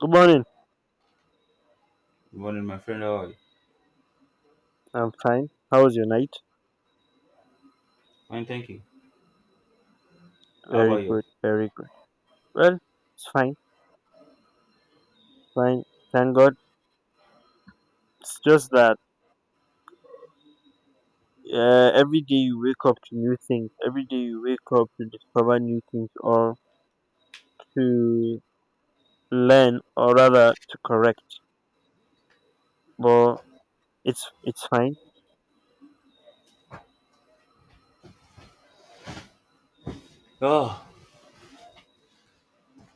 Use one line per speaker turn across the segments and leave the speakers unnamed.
Good morning.
Good morning, my friend. How are you?
I'm fine. How was your night?
Fine, thank you. How about
Very
you?
good. Very good. Well, it's fine. Fine. Thank God. It's just that every day you wake up to new things. Every day you wake up to discover new things, or to learn, or rather to correct. But it's fine.
Oh,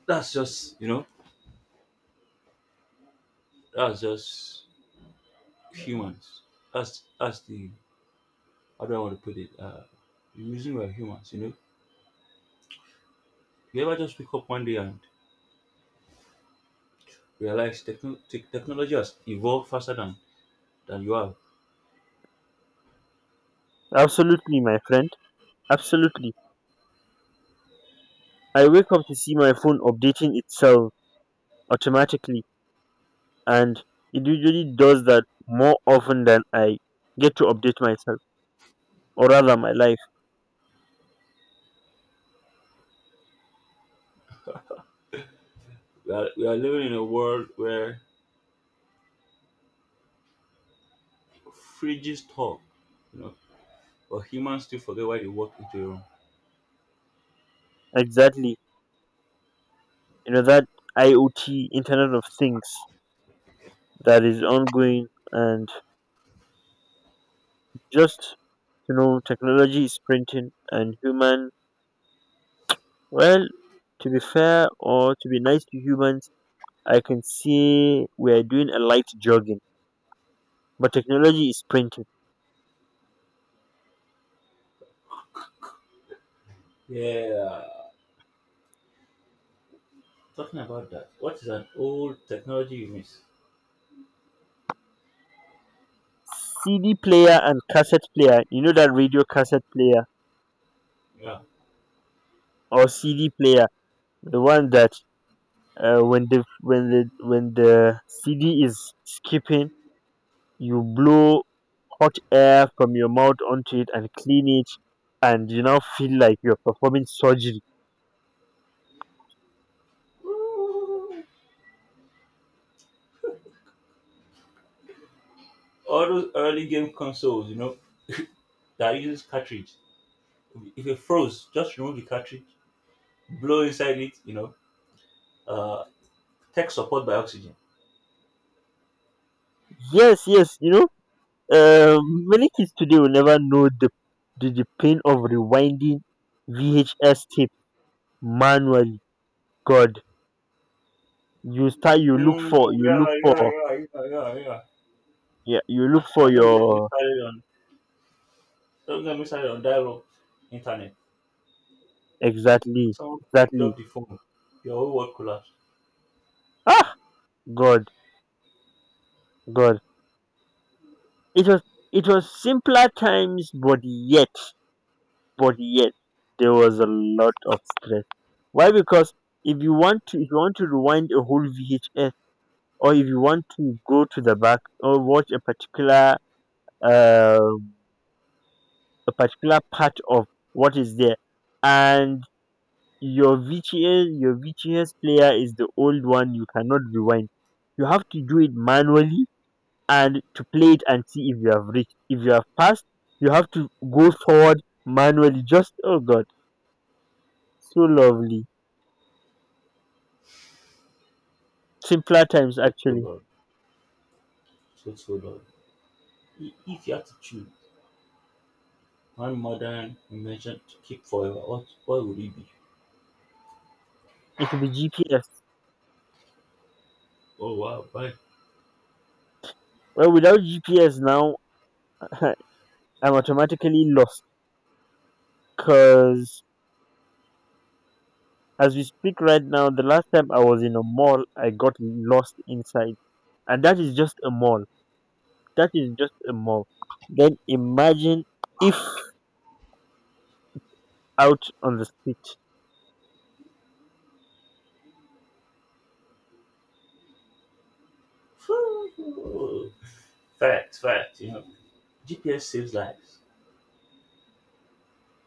that's just that's just humans. That's the how do I want to put it? The reason we're humans, you know. You ever just wake up one day and realize technology has evolved faster than you have.
Absolutely, my friend. Absolutely. I wake up to see my phone updating itself automatically, and it usually does that more often than I get to update myself, or rather my life.
We are living in a world where fridges talk, you know, but humans still forget why they walk into a room.
Exactly. You know that IoT, Internet of Things, that is ongoing, and just technology is printing and human, well, to be fair, or to be nice to humans, I can say we are doing a light jogging, but technology is printing.
Yeah, talking about that. What is an old technology you miss?
CD player and cassette player, that radio cassette player
Yeah.
or CD player, the one that, when the CD is skipping, you blow hot air from your mouth onto it and clean it, and you now feel like you're performing surgery.
All those early game consoles, you know, that uses cartridge. If it froze, just remove the cartridge, blow inside it, you know, uh, tech support by oxygen.
Yes, yes, you know, many kids today will never know the pain of rewinding VHS tape manually. God, you start,
Mm,
you
yeah,
look
yeah,
for,
yeah, yeah, yeah, yeah.
yeah, you look for
And don't get me
your
started on don't get me started on dial-up internet.
exactly,
Someone picked
exactly.
up the phone, your whole world collapsed.
Ah, God, God, it was, it was simpler times, but yet there was a lot of stress. Why? Because if you want to rewind a whole VHS, or if you want to go to the back or watch a uh, particular part of what is there, and your VHS player is the old one, you cannot rewind. You have to do it manually and to play it and see if you have reached. If you have passed, you have to go forward manually. Just, oh god, so lovely. Simpler times,
So
actually.
bad, so bad. If you had to choose one modern invention to keep forever, what would it be?
It will be GPS.
Oh wow, why?
Well, without GPS now, I'm automatically lost because, as we speak right now, the last time I was in a mall, I got lost inside. And that is just a mall. That is just a mall. Then imagine if out on the street.
Fact. You know, GPS saves lives.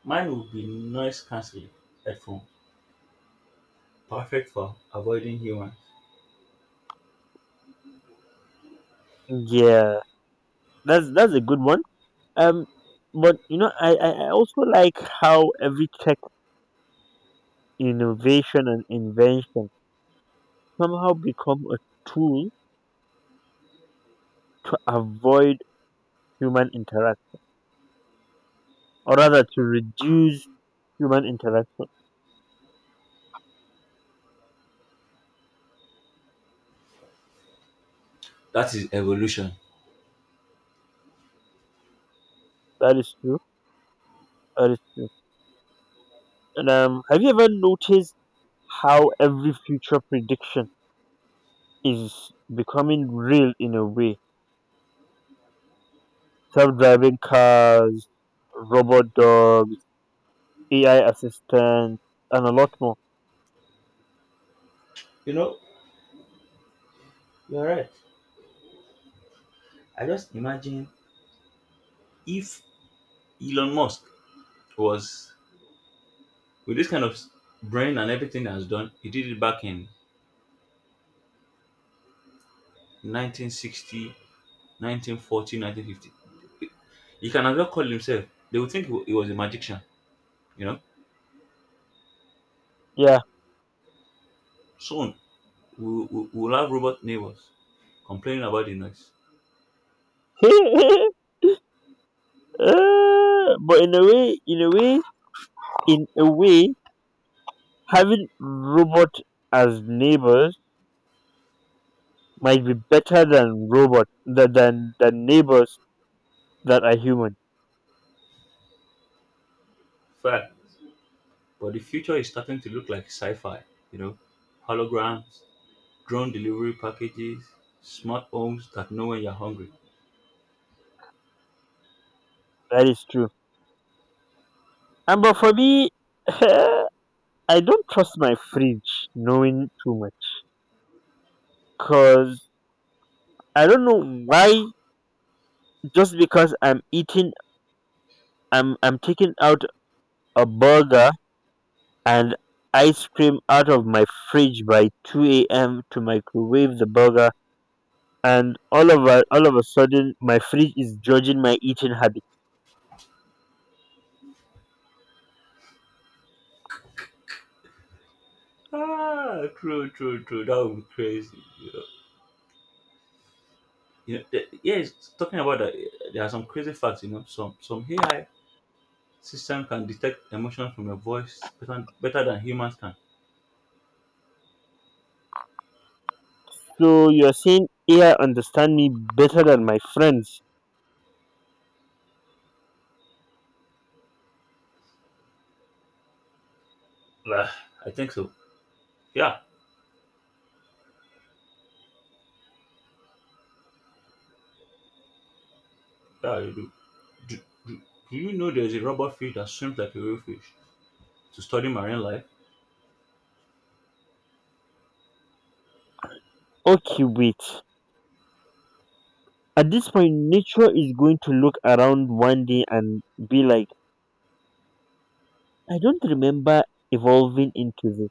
Mine would be noise cancelling headphone, perfect for avoiding humans.
Yeah, that's a good one. um but I also like how every tech innovation and invention somehow become a tool to avoid human interaction, or rather to reduce human interaction.
That is evolution.
That is true. That is true. And have you ever noticed how every future prediction is becoming real in a way? Self-driving cars, robot dogs, AI assistants, and a lot more.
You know, you're right. I just imagine if Elon Musk was with this kind of brain and everything he has done, he did it back in 1960, 1940, 1950. He he can as well call himself. They would think he he was a magician, you know.
Yeah.
Soon, we'll have robot neighbors complaining about the noise.
But in a way, in a way, in a way, having robot as neighbors might be better than robot than than neighbors that are human.
Fact. But the future is starting to look like sci fi, you know, holograms, drone delivery packages, smart homes that know when you're hungry.
That is true. And but for me, I don't trust my fridge knowing too much because I don't know why. Just because I'm eating, I'm taking out a burger and ice cream out of my fridge by two a.m. to microwave the burger, and all of a sudden my fridge is judging my eating habit.
Ah, true. That would be crazy. You know, yes, talking about that, eh, there are some crazy facts, you know, some AI system can detect emotion from your voice better, better than humans can.
So you're saying AI understand me better than my friends?
Ah, I think so. Yeah, yeah. Do, do, do you know there's a rubber fish that swims like a real fish to study marine life?
Okay, wait. At this point, nature is going to look around one day and be like, I don't remember evolving into this,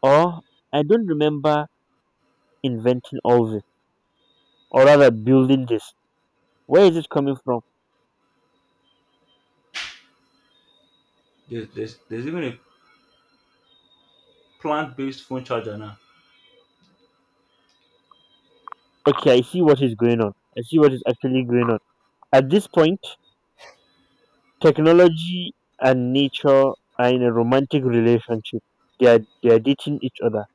or I don't remember inventing all this, or rather building this. Where is it coming from?
There's even a plant based phone charger now.
Okay, I see what is going on. I see what is actually going on. At this point, technology and nature are in a romantic relationship. They are dating each other.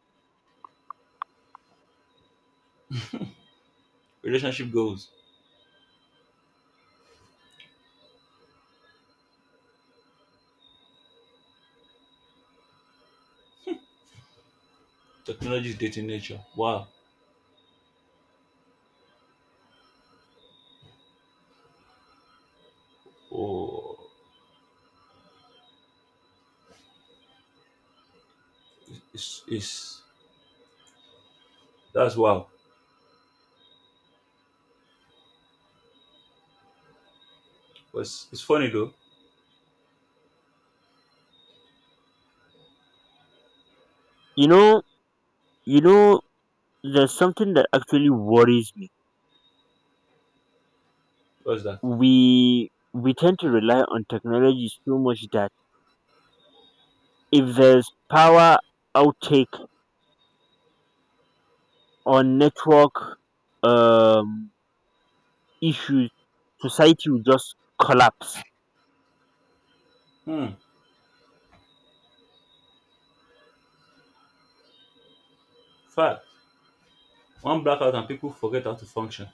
Relationship goals, technology is dating nature. Wow. Oh, it's, it's, that's wow. But it's it's funny though.
You know, you know, there's something that actually worries me.
What's that?
We tend to rely on technology so much that if there's power outtake or network um, issues, society will just collapse,
Hmm. Fact. One blackout and people forget how to function.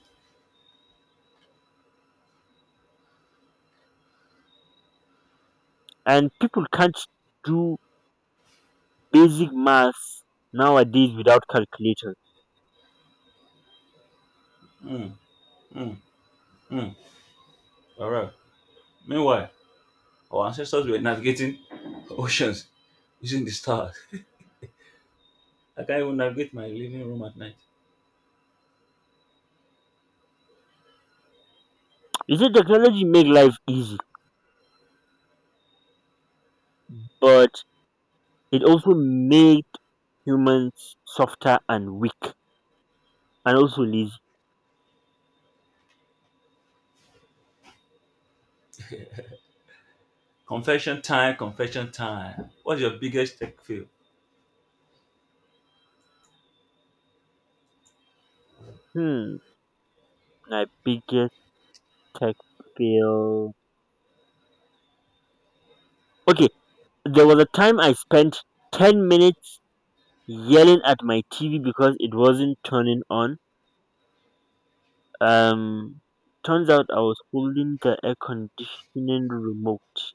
and people can't do basic maths nowadays without calculator.
Hmm. Hmm. Hmm. All right. Meanwhile, our ancestors were navigating oceans using the stars. I can't even navigate my living room at night.
You see, technology make life easy, but it also made humans softer and weak, and also lazy.
Confession time. What's your biggest tech fail?
Hmm, my biggest tech fail. Okay, there was a time I spent 10 minutes yelling at my TV because it wasn't turning on. Um, Turns out I was holding the air conditioning remote.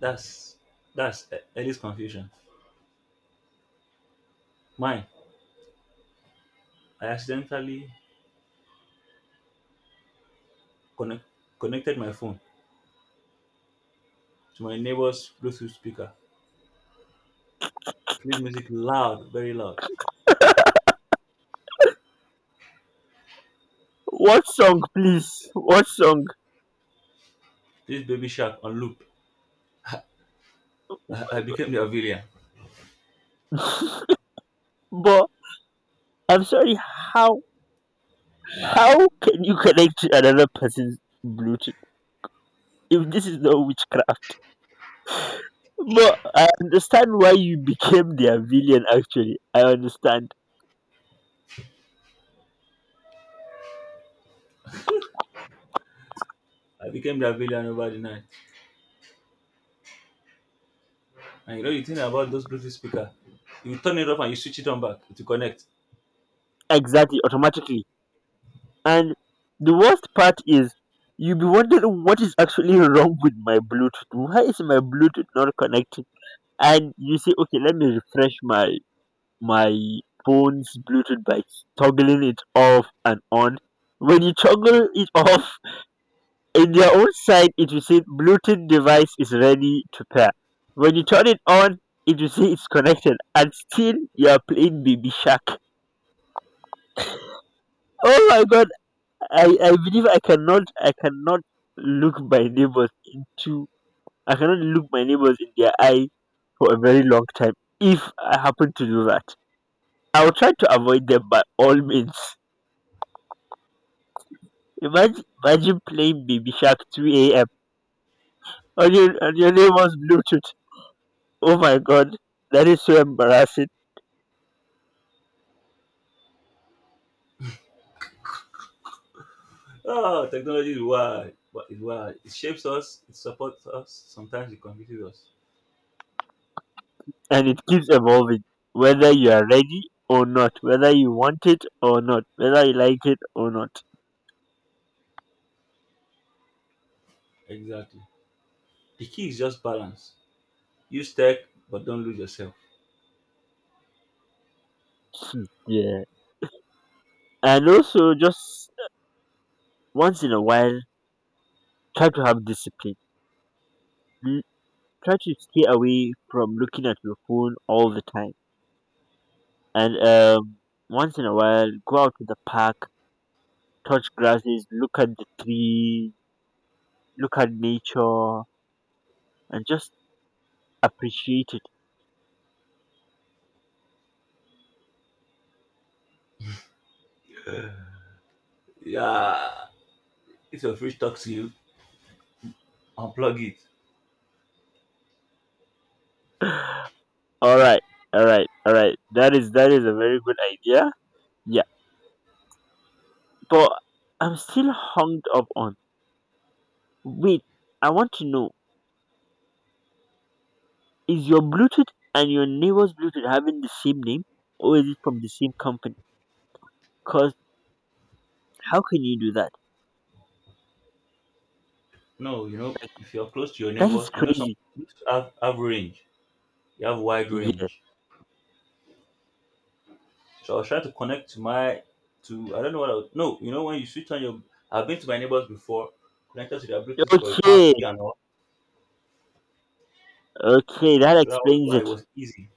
That's that's Ellie's confusion. Mine, I accidentally connect, connected my phone to my neighbor's Bluetooth speaker. Played music loud, very loud.
What song, please? What song?
This Baby Shark on loop. I became the villain.
But I'm sorry, how how can you connect to another person's Bluetooth if this is not witchcraft? But I understand why you became their villain. Actually, I understand
I became the villain over the night. And you know the thing about those Bluetooth speaker, you turn it off and you switch it on back to connect.
exactly automatically. And the worst part is you'll be wondering what is actually wrong with my Bluetooth. Why is my Bluetooth not connecting? And you say, okay, let me refresh my my phone's Bluetooth by toggling it off and on. When you toggle it off, in their own side, it will say Bluetooth device is ready to pair. When you turn it on, it will say it's connected, and still you are playing Baby Shark. Oh my god! I believe look my neighbors into I cannot look my neighbors in their eye for a very long time if I happen to do that. I'll try to avoid them by all means. Imagine playing Baby Shark 2 a.m. On your neighbor's Bluetooth. Oh my god, that is so embarrassing,
Oh, technology is wild. But it's wild. It shapes us. It supports us. Sometimes it confuses us.
and it keeps evolving. Whether you are ready or not, whether you want it or not, whether you like it or not.
Exactly. The key is just balance. Use tech, but don't lose yourself.
Hmm. Yeah. And also just once in a while, try to have discipline. L- Try to stay away from looking at your phone all the time. And once in a while, go out to the park, touch grasses, look at the tree, look at nature, and just appreciate it.
Yeah, if your fridge talks to you, unplug it.
All right, all right, all right. That is a very good idea. Yeah, but I'm still hung up on. Wait, I want to know: is your Bluetooth and your neighbor's Bluetooth having the same name, or is it from the same company? 'Cause how can you do that?
No, you know,
Like,
if you're close to your
that is
neighbor, you know, some
crazy.
people have, range. You have wide
Yeah.
range. So I was trying to connect to I don't know what I was, no, you know, when you switch on your, I've been to my neighbors before, connected to their Bluetooth for a party
Okay,
and all.
okay, that
So that was
explains
why it
it.
was easy.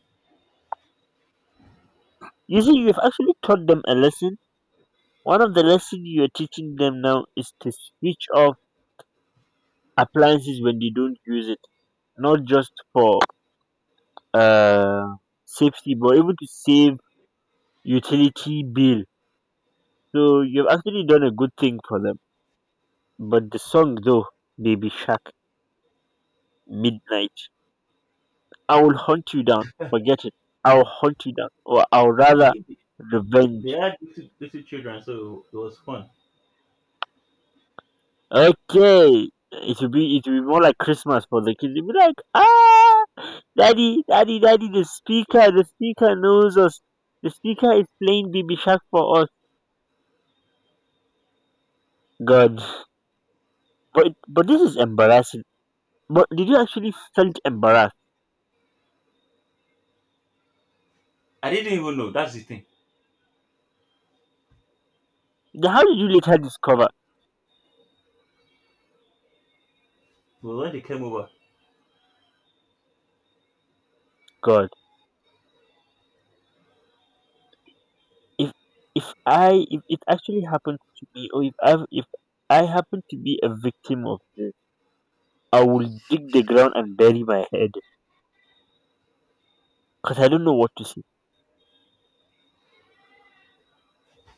You see, you've actually taught them a lesson. One of the lesson you're teaching them now is to switch off appliances when they don't use it, not just for uh safety, but even to save utility bill. So you've actually done a good thing for them. But the song though, Baby Shark, Midnight. I'll hunt you down. Forget it. I'll hunt you down, or I'll
It-
rather
it- They
revenge.
had little children, so it was fun.
Okay, it will be more like Christmas for the kids. They'll be like, ah, daddy, daddy, daddy. The speaker knows us. The speaker is playing BB Shark for us. God, but this is embarrassing. But did you actually felt embarrassed?
I didn't even know, that's the thing.
Then how did you later discover?
But when they came over,
God, if if it actually happened to me, or if I happen to be a victim of this, I will dig the ground and bury my head because I don't know what to say.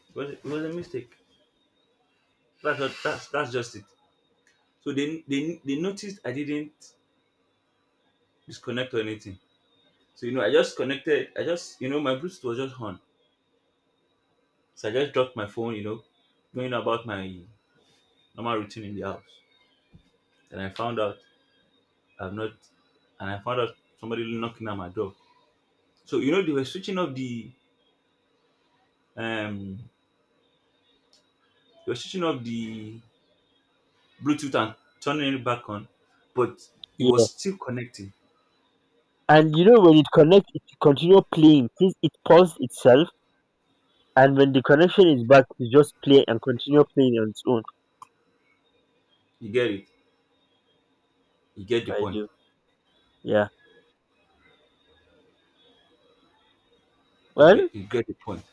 it was a mistake. That's what, that's just it. So they noticed I didn't disconnect or anything. So you know, I just connected. I just you know my Bluetooth was just on. So I just dropped my phone. You know, going about my normal routine in the house. And I found out I've not. And I found out somebody knocking at my door. So you know they were switching off the um they were switching off the Bluetooth and turning it back on, but it
Yeah.
was still connecting.
And you know when it connects, it continue playing since it paused itself. And when the connection is back, it just play and continue playing on its own.
You get it. You get the
I
point.
do. Yeah. Well,
You get the point.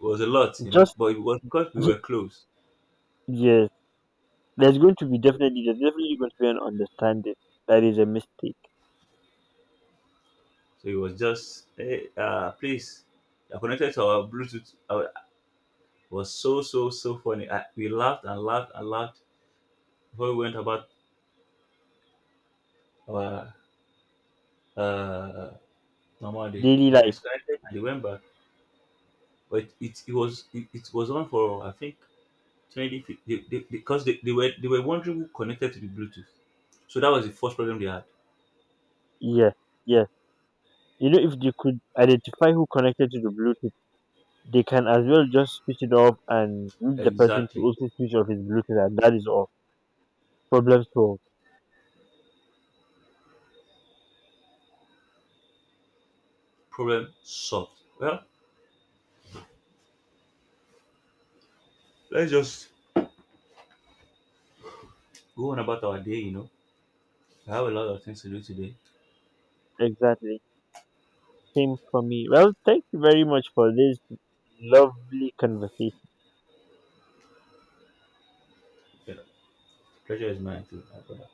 It was a lot, you know,
just
but it was because we were close.
yes. There's definitely going to be an understanding that is a mistake.
So it was just, hey, please, I connected to our Bluetooth. It was so funny. We laughed and laughed and laughed before we went about our uh, normal day.
Daily
And I
life.
disconnected and they went back. But it was on for, I think, 20, they, because they were wondering who connected to the Bluetooth. So that was the first problem they had.
Yeah. Yeah. You know, if they could identify who connected to the Bluetooth, they can as well just switch it off and need the person to
Exactly.
also switch off his Bluetooth, and that is all. Problem solved.
Problem solved. Well, let's just go on about our day, you know. I have a lot of things to do today.
Exactly. Same for me. Well, thank you very much for this lovely conversation.
The pleasure is mine too, my brother.